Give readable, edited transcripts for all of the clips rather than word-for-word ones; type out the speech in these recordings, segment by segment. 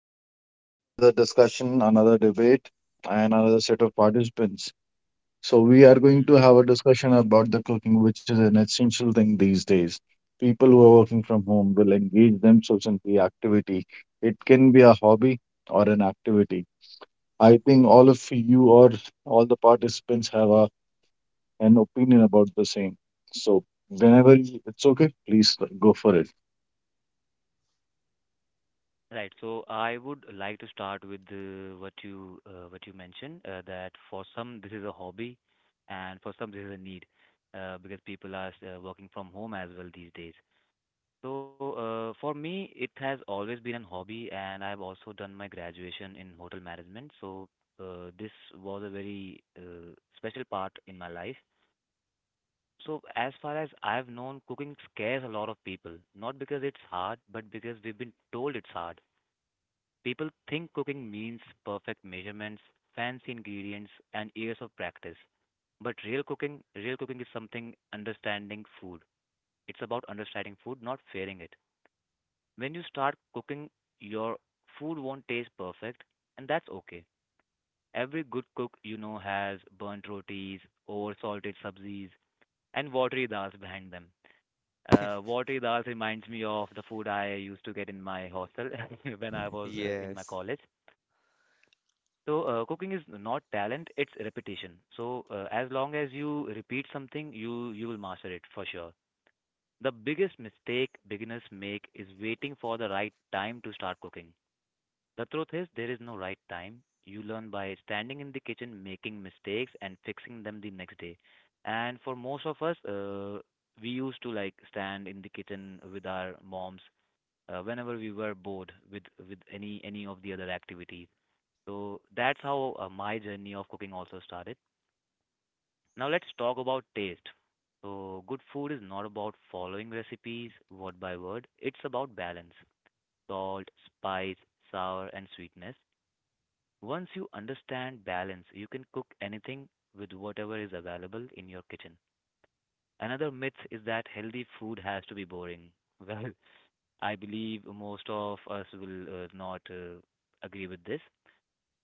podcast, another discussion, another debate, and another set of participants. So, we are going to Mhm, have a discussion about the cooking, which is an essential thing these days. People who are working from home will engage themselves in the activity. It can be a hobby or an activity. I think mhm. all of you or all the participants have an opinion about the same. So, it's okay, please go for it. Right. So I would like to start with what you mentioned that for some this is a hobby, and for some this is a need, because people are working from home as well these days. So for me, it has always been a hobby, and I've also done my graduation in hotel management. So this was a very special part in my life. So as far as I've known, cooking scares a lot of people, not because it's hard, but because we've been told it's hard. People think cooking means perfect measurements, fancy ingredients, and years of practice. But real cooking is something understanding food. It's about understanding food, not fearing it. When you start cooking, your food won't taste perfect, and that's okay. Every good cook you know has burnt rotis, over salted sabzis, and watery dals behind them. Watery dals reminds me of the food I used to get in my hostel when I was in my Yes, college. So, cooking is not talent, it's repetition. So, as long as you repeat something, you will master it for sure. The biggest mistake beginners make is waiting for the right time to start cooking. The truth is, there is no right time. You learn by standing in the kitchen, making mistakes, and fixing them the next day. And for most of us, we used to like stand in the kitchen with our moms whenever we were bored with any of the other activities, so that's how my journey of cooking also started. Now let's talk about taste. So good food is not about following recipes word by word. It's about balance. Salt, spice, sour and sweetness. Once you understand balance, you can cook anything with whatever is available in your kitchen. Another myth is that healthy food has to be boring. Well, I believe most of us will not agree with this.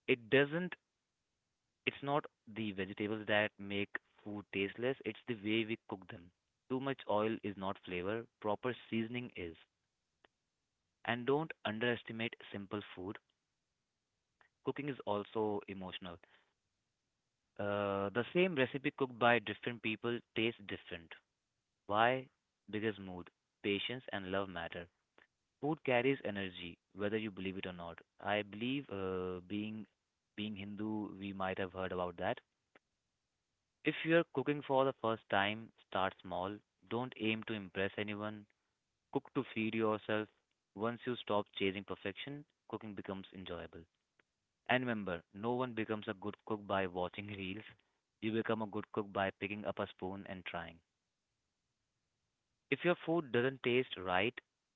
It doesn't It's not the vegetables that make food tasteless, it's the way we cook them. Too much oil is not flavor, proper seasoning is. And don't underestimate simple food. Cooking is also emotional. The same recipe cooked by different people tastes different. Why? Because mood, patience, and love matter. Food carries energy, whether you believe it or not. I believe, being Hindu, we might have heard about that. If you're cooking for the first time, start small. Don't aim to impress anyone. Cook to feed yourself. Once you stop chasing perfection, cooking becomes enjoyable. And remember, no one becomes a good cook by watching reels. You become a good cook by picking up a spoon and trying. If your food doesn't taste right,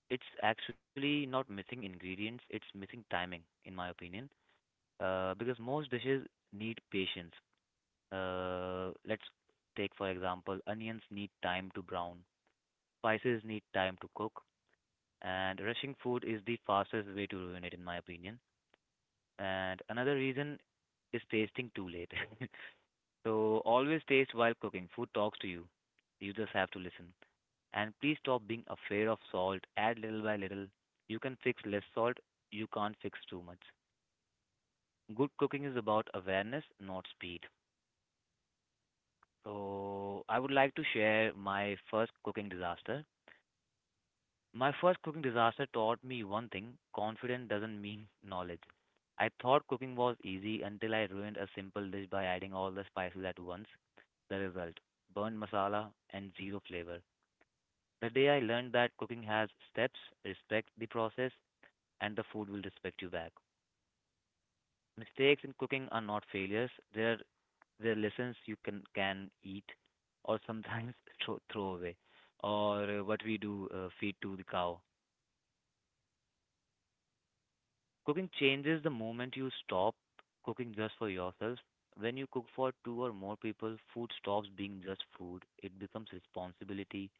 it's actually not missing ingredients, it's missing timing, in my opinion. Because most dishes need patience. Let's take, for example, onions need time to brown, spices need time to cook, and rushing food is the fastest way to ruin it, in my opinion. And another reason is tasting too late. So always taste while cooking. Food talks to you. You just have to listen. And please stop being afraid of salt. Add little by little. You can fix less salt. You can't fix too much. Good cooking is about awareness, not speed. So I would like to share my first cooking disaster. My first cooking disaster taught me one thing: confidence doesn't mean knowledge. I thought cooking was easy until I ruined a simple dish by adding all the spices at once. The result: burnt masala and zero flavor. The day I learned that cooking has steps, respect the process, and the food will respect you back. Mistakes in cooking are not failures, they're lessons you can eat or sometimes throw away, or what we do, feed to the cow. Cooking changes the moment you stop cooking just for yourself. When you cook for two or more people, food stops being just food. It becomes responsibility.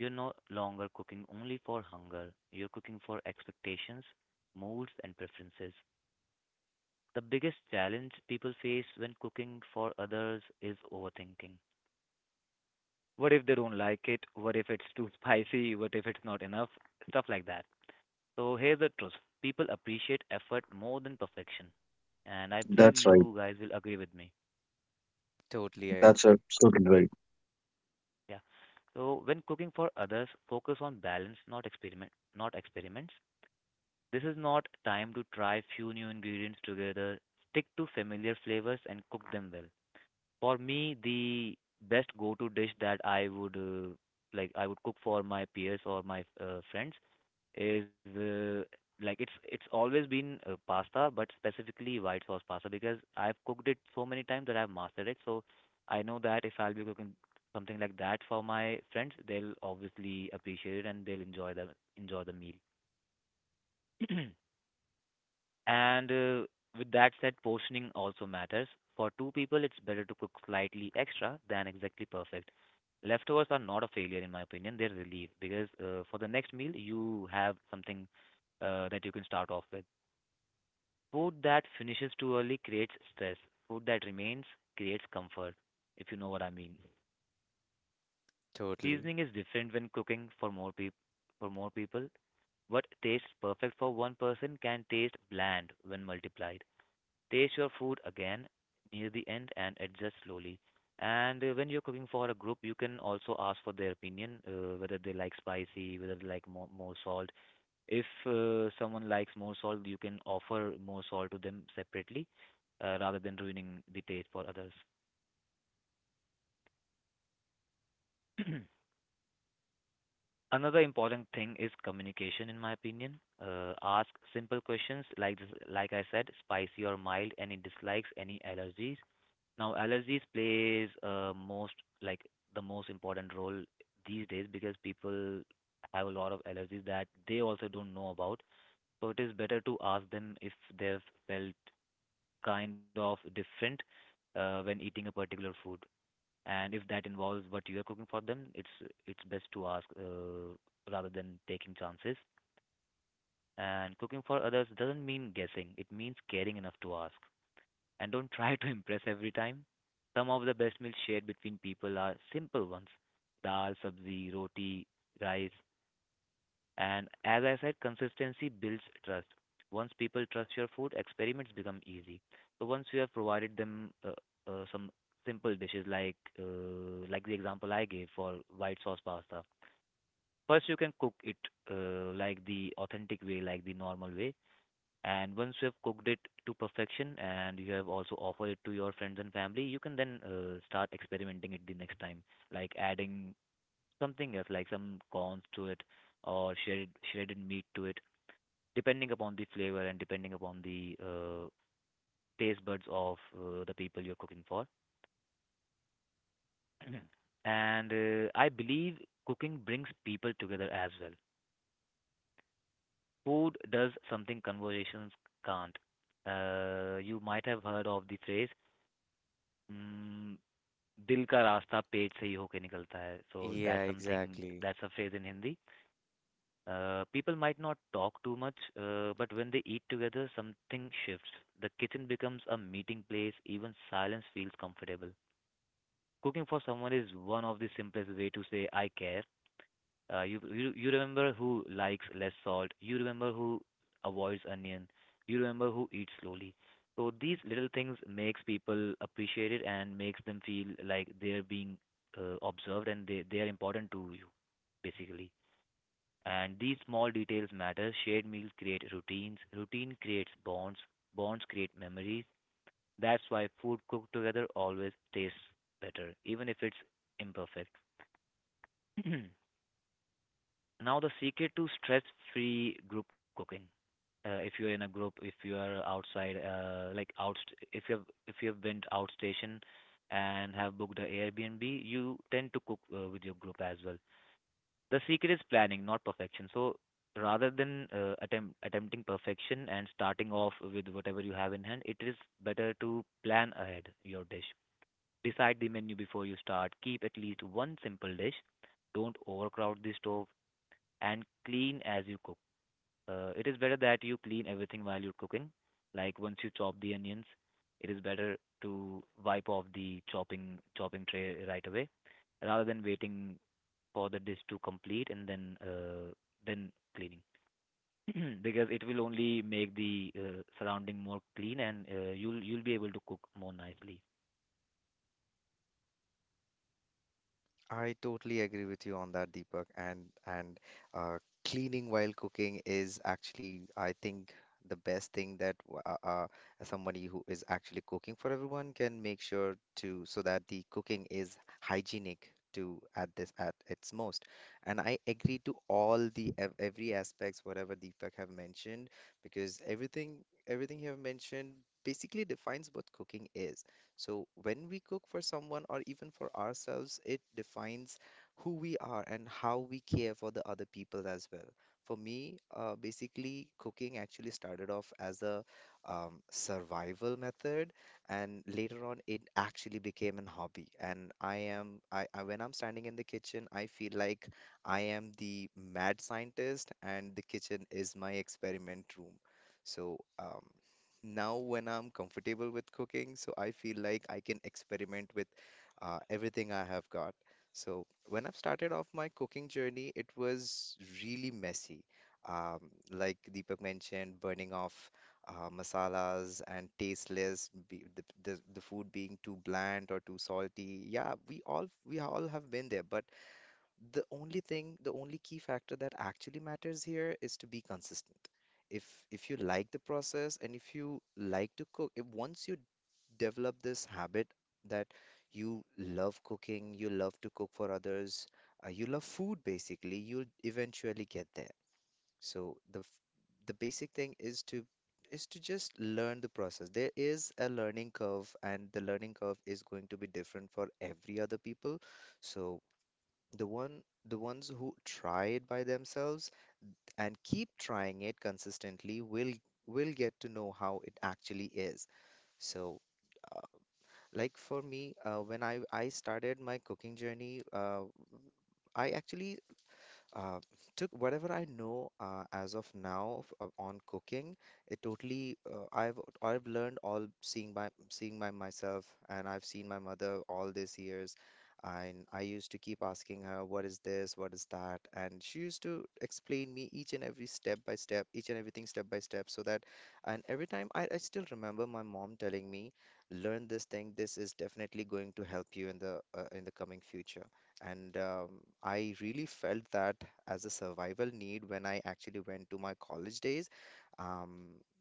You're no longer cooking only for hunger. You're cooking for expectations, moods, and preferences. The biggest challenge people face when cooking for others is overthinking. What if they don't like it? What if it's too spicy? What if it's not enough? Stuff like that. So here's the truth. People appreciate effort more than perfection. And I believe That's right. you guys will agree with me. totally, I That's agree. absolutely right. Yeah. So when cooking for others, focus on balance, not experiment, not experiments. This is not time to try few new ingredients together. Stick to familiar flavors and cook them well. For me, the best go-to dish that I would like I would cook for my peers or my friends is it's always been pasta, but specifically white sauce pasta because I've cooked it so many times that I've mastered it. So I know that if I'll be cooking something like that for my friends, they'll obviously appreciate it and they'll enjoy the meal. And with that said, portioning also matters. For two people, it's better to cook slightly extra than exactly perfect. Leftovers are not a failure, in my opinion. They're relief because for the next meal, you have something that you can start off with. Food that finishes too early creates stress. Food that remains creates comfort, if you know what I mean. Totally. Seasoning is different when cooking for more people. For more people, what tastes perfect for one person can taste bland when multiplied. Taste your food again near the end and adjust slowly. And when you're cooking for a group, you can also ask for their opinion, whether they like spicy, whether they like more salt. If someone likes more salt, you can offer more salt to them separately, rather than ruining the taste for others. Another important thing is communication, in my opinion. Ask simple questions like this, like I said, spicy or mild, any dislikes, any allergies. Now, allergies plays most like the most important role these days because people have a lot of allergies that they also don't know about. So it is better to ask them if they've felt kind of different when eating a particular food, and if that involves what you are cooking for them, it's best to ask, rather than taking chances. And cooking for others doesn't mean guessing; it means caring enough to ask, and don't try to impress every time. Some of the best meals shared between people are simple ones: dal, sabzi, roti, rice. And as I said, consistency builds trust. Once people trust your food, experiments become easy. So once you have provided them some simple dishes like the example I gave for white sauce pasta, first you can cook it like the authentic way, like the normal way, and once you have cooked it to perfection and you have also offered it to your friends and family, you can then start experimenting it the next time, like adding something else, like some corns to it or shredded meat to it, depending upon the flavor and depending upon the taste buds of the people you're cooking for. And I believe cooking brings people together as well. Food does something conversations can't. You might have heard of the phrase, mm, दिल का रास्ता पेट से ही होके निकलता है. So Yeah, that's something, exactly. that's a phrase in Hindi. People might not talk too much, but when they eat together, something shifts. The kitchen becomes a meeting place. Even silence feels comfortable. Cooking for someone is one of the simplest way to say I care. You remember who likes less salt. You remember who avoids onion. You remember who eats slowly. So these little things makes people appreciate it and makes them feel like they're being observed and they are important to you, basically. And these small details matter. Shared meals create routines. Routine creates bonds. Bonds create memories. That's why food cooked together always tastes better, even if it's imperfect. Now, the secret to stress-free group cooking. If you're in a group, if you are outside, if you have been out station and have booked a Airbnb, you tend to cook with your group as well. The secret is planning, not perfection. So rather than attempting perfection and starting off with whatever you have in hand, it is better to plan ahead your dish. Decide the menu before you start. Keep at least one simple dish, don't overcrowd the stove, and clean as you cook. It is better that you clean everything while you're cooking. Like once you chop the onions, it is better to wipe off the chopping tray right away rather than waiting for the dish to complete and then cleaning. Because it will only make the surrounding more clean and you'll be able to cook more nicely. I totally agree with you on that, Deepak. And uh, cleaning while cooking is actually, I think, the best thing that somebody who is actually cooking for everyone can make sure to so that the cooking is hygienic to at its most. And I agree to all the ev every aspects whatever Deepak have mentioned because everything you have mentioned basically defines what cooking is. So when we cook for someone or even for ourselves, it defines who we are and how we care for the other people as well. For me, basically, cooking actually started off as a survival method, and later on, it actually became an hobby. And I am, I when I'm standing in the kitchen, I feel like I am the mad scientist, and the kitchen is my experiment room. So, now when I'm comfortable with cooking, so I feel like I can experiment with everything I have got. So when I've started off my cooking journey, it was really messy. Um, like Deepak mentioned, burning off masalas and tasteless, be, the food being too bland or too salty. Yeah, we all have been there, but the only thing, the only key factor that actually matters here is to be consistent if if you like the process and if you like to cook, if once you develop this habit that you love cooking, you love to cook for others, you love food basically, you'll eventually get there. So the basic thing is to just learn the process. There is a learning curve, and the learning curve is going to be different for every other people. So the one the ones who try it by themselves and keep trying it consistently, we'll get to know how it actually is. So, uh, like for me, when I started my cooking journey, I actually uh, took whatever I know as of now on cooking. It totally I've learned all seeing by myself, and I've seen my mother all these years. And I used to keep asking her, "What is this? What is that?" And she used to explain me each and every step by step, each and everything step by step, so that. And every time I still remember my mom telling me, "Learn this thing. This is definitely going to help you in the coming future." And I really felt that as a survival need when I actually went to my college days. Um,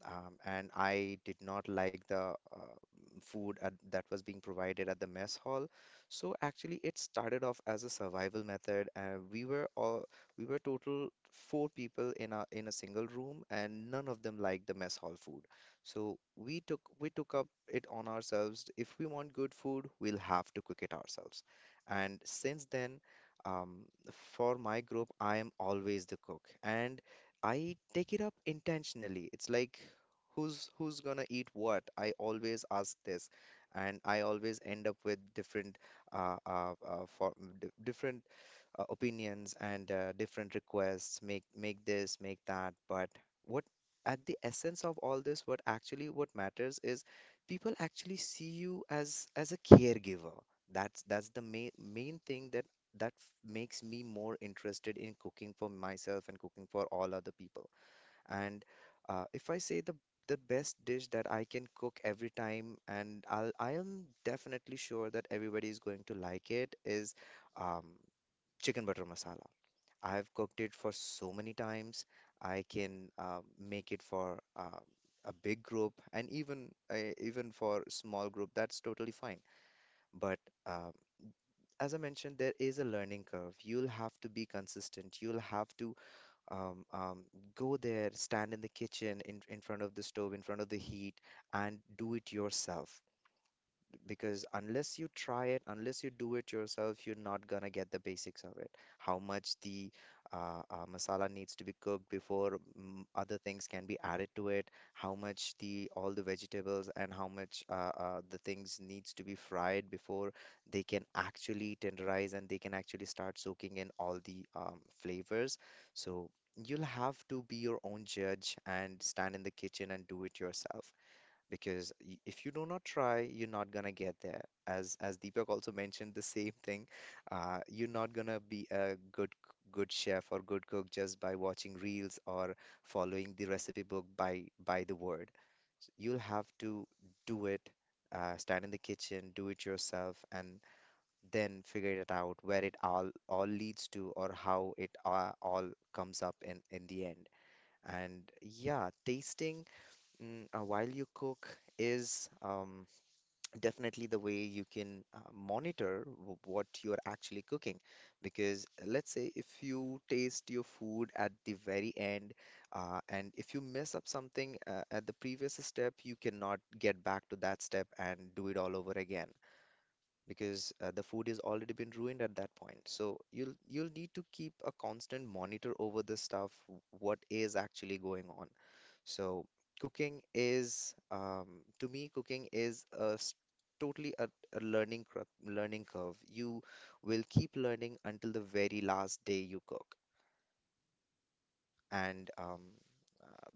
and I did not like the food that was being provided at the mess hall. So actually, it started off as a survival method. We were total four people in a single room, and none of them liked the mess hall food. So we took up it on ourselves. If we want good food, we'll have to cook it ourselves. And since then, um, for my group, I am always the cook, and I take it up intentionally. It's like who's gonna eat what? I always ask this, and I always end up with uh, uh, uh, for different opinions and different requests make this make that, but what at the essence of all this, what actually, what matters is people actually see you as a caregiver. That's the main thing, makes me more interested in cooking for myself and cooking for all other people. And if I say the best dish that I can cook every time and I am definitely sure that everybody is going to like it is um chicken butter masala. I have cooked it for so many times. I can make it for a big group and even for small group. That's totally fine. But uh, as I mentioned, there is a learning curve. You'll have to be consistent. You'll have to um, um, go there, stand in the kitchen, in front of the stove, in front of the heat, and do it yourself because unless you try it, unless you do it yourself, you're not gonna get the basics of it. How much the masala needs to be cooked before other things can be added to it, how much the all the vegetables and how much the things needs to be fried before they can actually tenderize and they can actually start soaking in all the flavors. So you'll have to be your own judge and stand in the kitchen and do it yourself because if you do not try, you're not gonna get there. As Deepak also mentioned the same thing, you're not gonna be a good chef or good cook just by watching reels or following the recipe book by the word. You'll have to do it, stand in the kitchen, do it yourself, and then figure it out where it all leads to or how it all comes up in the end. And yeah, tasting. While you cook is definitely the way you can monitor what you're actually cooking. Because let's say if you taste your food at the very end, and if you mess up something at the previous step, you cannot get back to that step and do it all over again because the food is already been ruined at that point. So you'll need to keep a constant monitor over the stuff, what is actually going on. So cooking is, to me, cooking is totally a learning curve. You will keep learning until the very last day you cook, and uh,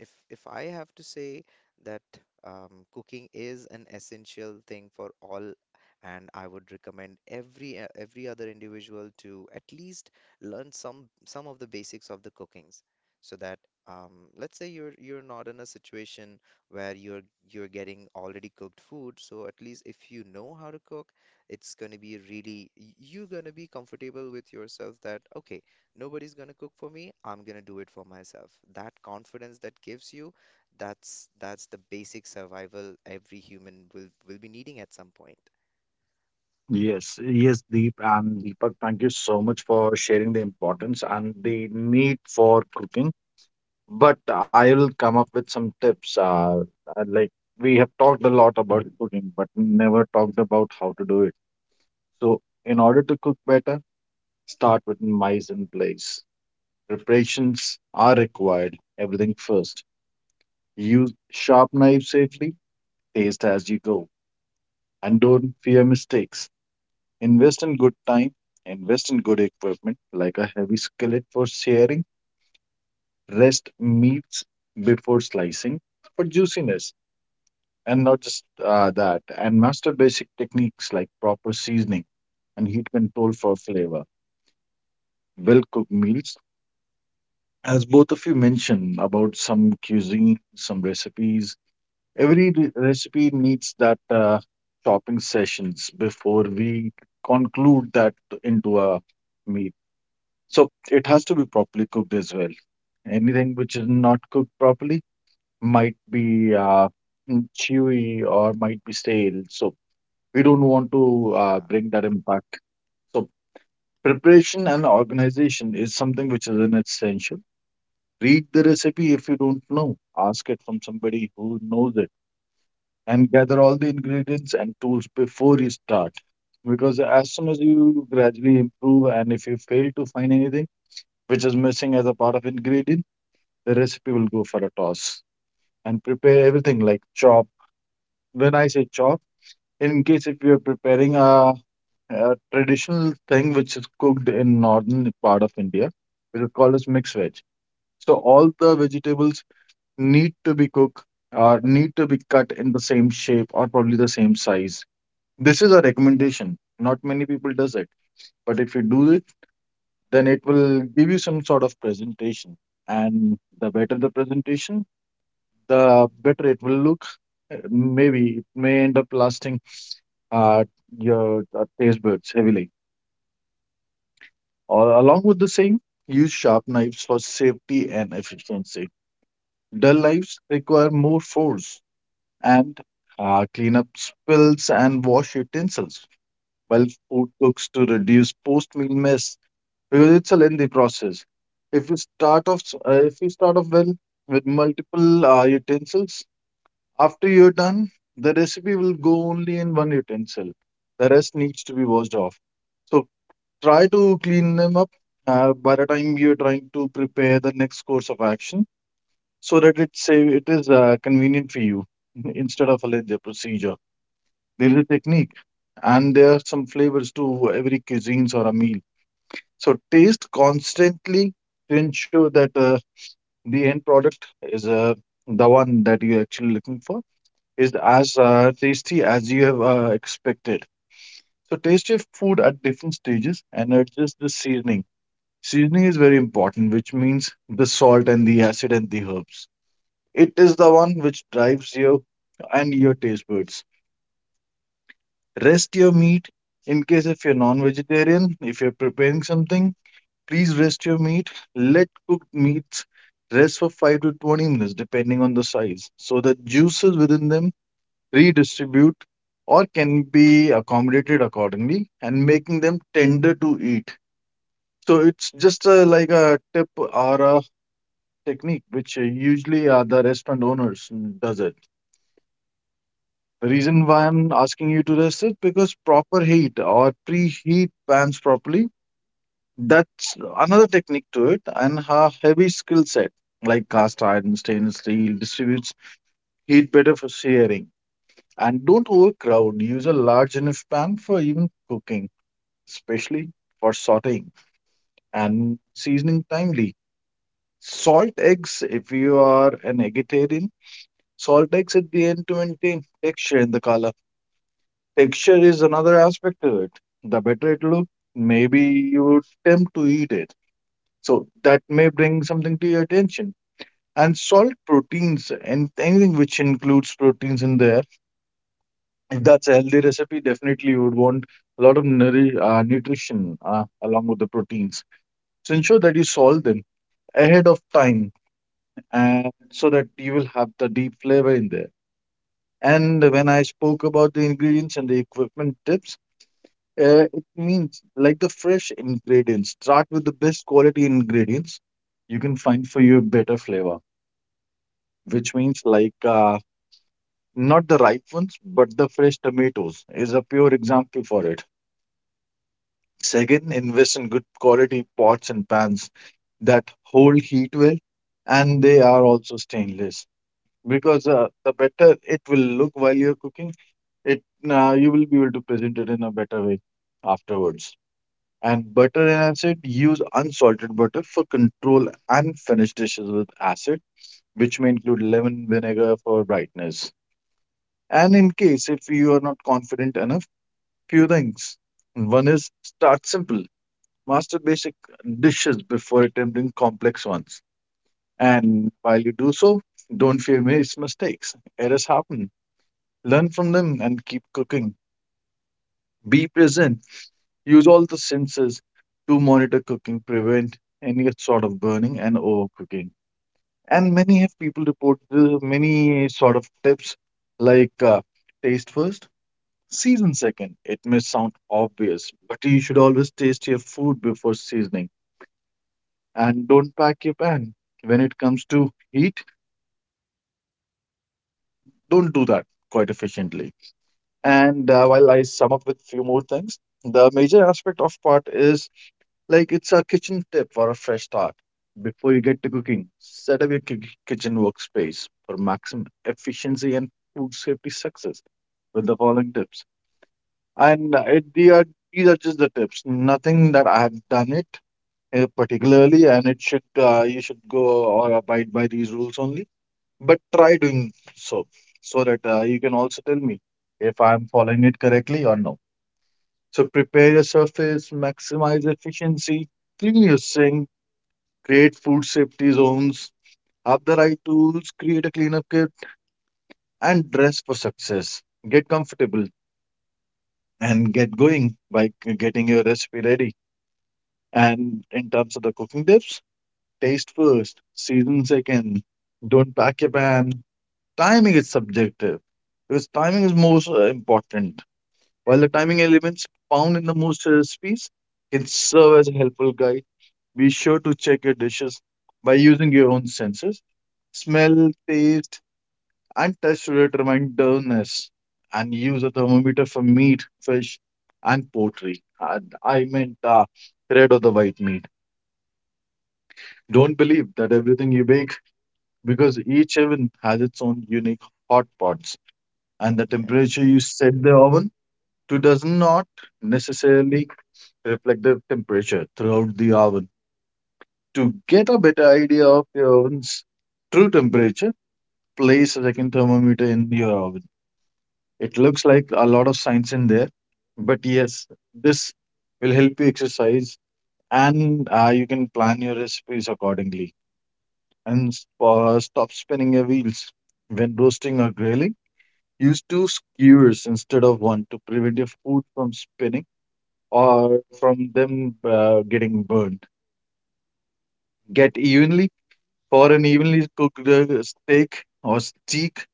if I have to say that cooking is an essential thing for all, and I would recommend every other individual to at least learn some of the basics of the cookings, so that let's say you're not in a situation where you're getting already cooked food, so at least if you know how to cook, it's going to be you're going to be comfortable with yourself that okay, nobody's gonna cook for me, I'm gonna do it for myself. That confidence that gives you, that's the basic survival every human will be needing at some point. Yes, yes, Deep and Deepak, thank you so much for sharing the importance and the need for cooking. But I will come up with some tips. Like we have talked a lot about cooking, but never talked about how to do it. So, in order to cook better, start with mise in place. Preparations are required. Everything first. Use sharp knives safely. Taste as you go, and don't fear mistakes. Invest in good time, invest in good equipment like a heavy skillet for searing, rest meats before slicing for juiciness, and not just that, and master basic techniques like proper seasoning and heat control for flavor. Well cooked meals, as both of you mentioned about some cuisine, some recipes, every recipe needs that chopping sessions before we conclude that into a meal. So it has to be properly cooked as well. Anything which is not cooked properly might be chewy or might be stale. So we don't want to Yeah. bring that impact. So preparation and organization is something which is an essential. Read the recipe if you don't know. Ask it from somebody who knows it and gather all the ingredients and tools before you start. Because as soon as you gradually improve and if you fail to find anything, which is missing as a part of ingredient, the recipe will go for a toss, and prepare everything like chop. When I say chop, in case if you're preparing a traditional thing which is cooked in northern part of India, which is called as mixed veg. So all the vegetables need to be cooked or need to be cut in the same shape or probably the same size. This is a recommendation. Not many people does it, but if you do it, then it will give you some sort of presentation. And the better the presentation, the better it will look. Maybe it may end up lasting uh, your taste buds heavily. Or along with the same, use sharp knives for safety and efficiency. Dull knives require more force, and clean up spills and wash utensils while food cooks to reduce post-meal mess because it's a lengthy process. If you if you start off well with multiple utensils, after you're done, the recipe will go only in one utensil. The rest needs to be washed off. So try to clean them up by the time you're trying to prepare the next course of action, so that it is convenient for you instead of a lengthy procedure. There is a technique, and there are some flavors to every cuisines or a meal. So taste constantly to ensure that the end product is the one that you're actually looking for, is as tasty as you have expected. So taste your food at different stages and adjust the seasoning. Seasoning is very important, which means the salt and the acid and the herbs. It is the one which drives your and your taste buds. Rest your meat in case if you're non-vegetarian, if you're preparing something, please rest your meat. Let cooked meats rest for 5 to 20 minutes depending on the size so that juices within them redistribute, or can be accommodated accordingly and making them tender to eat. So it's just a, like a tip or a technique which usually the restaurant owners does it. The reason why I'm asking you to rest it because proper heat or preheat pans properly. That's another technique to it, and a heavy skill set like cast iron, stainless steel distributes heat better for searing. And don't overcrowd. Use a large enough pan for even cooking, especially for sauteing and seasoning timely. Salt eggs, if you are an vegetarian, salt eggs at the end to maintain texture in the color. Texture is another aspect to it. The better it look, maybe you would tempt to eat it. So that may bring something to your attention. And salt proteins and anything which includes proteins in there, if that's a healthy recipe, definitely you would want a lot of nutrition along with the proteins. So ensure that you salt them ahead of time and so that you will have the deep flavor in there. And when I spoke about the ingredients and the equipment tips, it means like the fresh ingredients. Start with the best quality ingredients you can find for your better flavor, which means like not the ripe ones, but the fresh tomatoes is a pure example for it. Second, invest in good quality pots and pans that hold heat well and they are also stainless because the better it will look while you're cooking it, you will be able to present it in a better way afterwards, and butter and acid, use unsalted butter for control and finish dishes with acid which may include lemon vinegar for brightness. And in case if you are not confident enough, few things: one is start simple, master basic dishes before attempting complex ones, and while you do so, don't fear mistakes. Errors happen. Learn from them and keep cooking. Be present. Use all the senses to monitor cooking, prevent any sort of burning and overcooking. And many have people reported many sort of tips like taste first, season second. It may sound obvious, but you should always taste your food before seasoning. And don't pack your pan. When it comes to heat, don't do that quite efficiently. And while I sum up with few more things, the major aspect of part is like it's a kitchen tip for a fresh start. Before you get to cooking, set up your kitchen workspace for maximum efficiency and food safety success with the following tips. And these are just the tips. Nothing that I have done it particularly, and it should you should go or abide by these rules only, but try doing so, so that you can also tell me if I'm following it correctly or no. So prepare your surface, maximize efficiency, clean your sink, create food safety zones, have the right tools, create a cleanup kit, and dress for success. Get comfortable and get going by getting your recipe ready. And in terms of the cooking tips, taste first, season second, don't pack your pan. Timing is subjective because timing is most important. While the timing elements found in the most recipes can serve as a helpful guide, be sure to check your dishes by using your own senses. Smell, taste, and touch to determine doneness. And use a thermometer for meat, fish, and poultry. And I meant red or the white meat. Don't believe that everything you bake because each oven has its own unique hot pots. And the temperature Yes. you set the oven to does not necessarily reflect the temperature throughout the oven. To get a better idea of your oven's true temperature, place a second thermometer in your oven. It looks like a lot of science in there, but yes, this will help you exercise, and you can plan your recipes accordingly. And stop spinning your wheels when roasting or grilling. Use two skewers instead of one to prevent your food from spinning or from them getting burned. Get evenly for an evenly cooked steak or steak.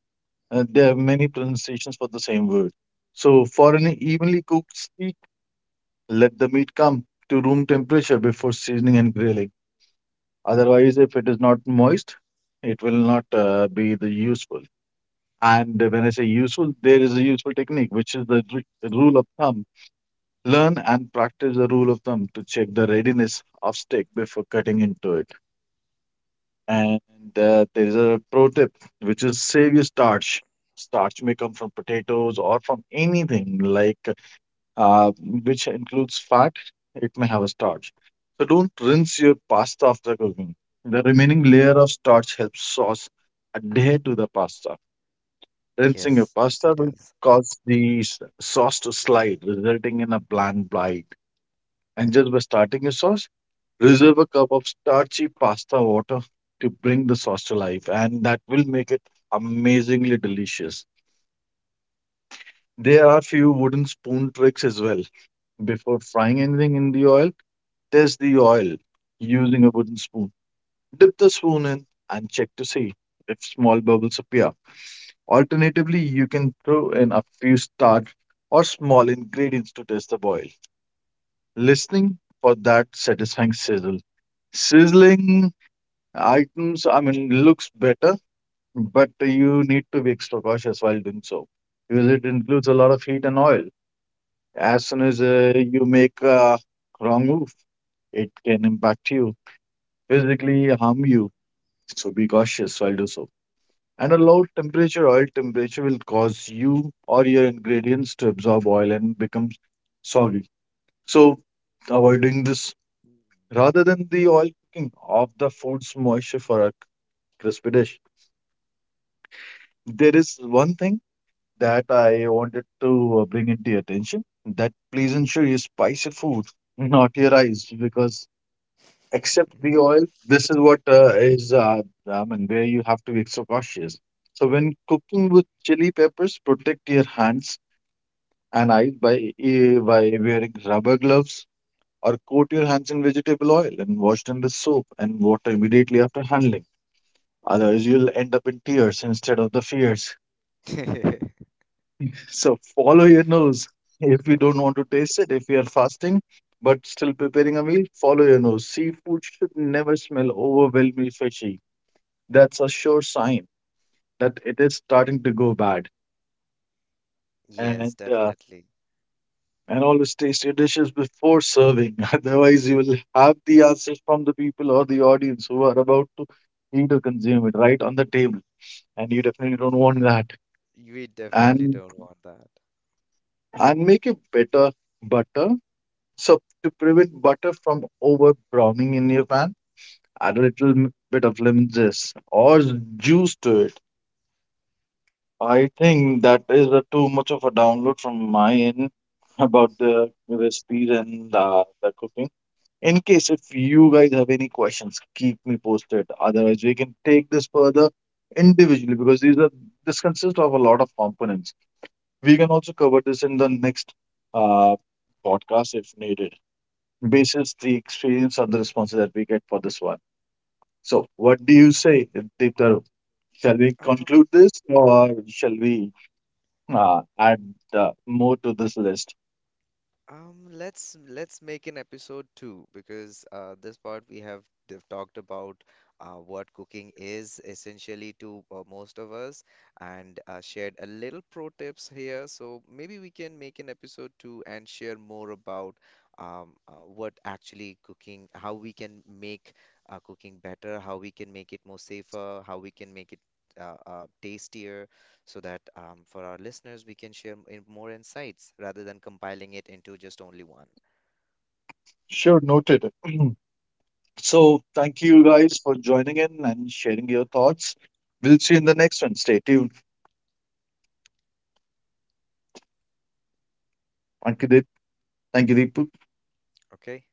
There are many pronunciations for the same word. So for an evenly cooked steak, let the meat come to room temperature before seasoning and grilling. Otherwise, if it is not moist, it will not be the useful. And when I say useful, there is a useful technique, which is the rule of thumb. Learn and practice the rule of thumb to check the readiness of steak before cutting into it. And there is a pro tip, which is save your starch. Starch may come from potatoes or from anything like uh, which includes fat. It may have a starch. So don't rinse your pasta after cooking. The remaining layer of starch helps sauce adhere to the pasta. Rinsing your Yes, they pasta will does. cause the sauce to slide, resulting in a bland bite. And just by starting your sauce, reserve a cup of starchy pasta water to bring the sauce to life, and that will make it amazingly delicious. There are few wooden spoon tricks as well. Before frying anything in the oil, test the oil using a wooden spoon. Dip the spoon in and check to see if small bubbles appear. Alternatively, you can throw in a few starch or small ingredients to test the boil. Listening for that satisfying sizzle. Sizzling items, I mean, looks better, but you need to be extra cautious while doing so because it includes a lot of heat and oil. As soon as you make a wrong move, it can impact you, physically harm you. So be cautious while do so. And a low temperature, oil temperature will cause you or your ingredients to absorb oil and become soggy. So avoiding this rather than the oil cooking of the food's moisture for a crispy dish. There is one thing that I wanted to bring into your attention, that please ensure you spice your food, not your rice, because except the oil, this is what I mean, where you have to be extra cautious. So when cooking with chili peppers, protect your hands and eyes by wearing rubber gloves or coat your hands in vegetable oil and wash them with soap and water immediately after handling. Otherwise, you'll end up in tears instead of the fears. So follow your nose. If you don't want to taste it, if you are fasting but still preparing a meal, follow your nose. Seafood should never smell overwhelmingly fishy. That's a sure sign that it is starting to go bad. And Yes, uh, definitely. and always taste your dishes before serving. Otherwise, you will have the answers from the people or the audience who are about to eat or consume it right on the table. And you definitely don't want that. We definitely And don't want that. and make it better butter. So to prevent butter from over browning in your pan, add a little bit of lemon zest or juice to it. I think that is a too much of a download from my end about the recipes and the cooking. In case if you guys have any questions, keep me posted. Otherwise, we can take this further individually because these are this consists of a lot of components. We can also cover this in the next uh, podcast if needed basis the experience or the responses that we get for this one. So, what do you say, Deeptaru? Shall we conclude this or shall we add more to this list? Let's make an episode two because this part we have talked about what cooking is essentially to most of us and shared a little pro tips here. So maybe we can make an episode two and share more about what actually cooking, how we can make cooking better, how we can make it more safer, how we can make it tastier so that for our listeners, we can share more insights rather than compiling it into just only one. Sure, noted. So, thank you guys for joining in and sharing your thoughts. We'll see you in the next one. Stay tuned. Thank you, Deep. Thank you, Deepu. Okay.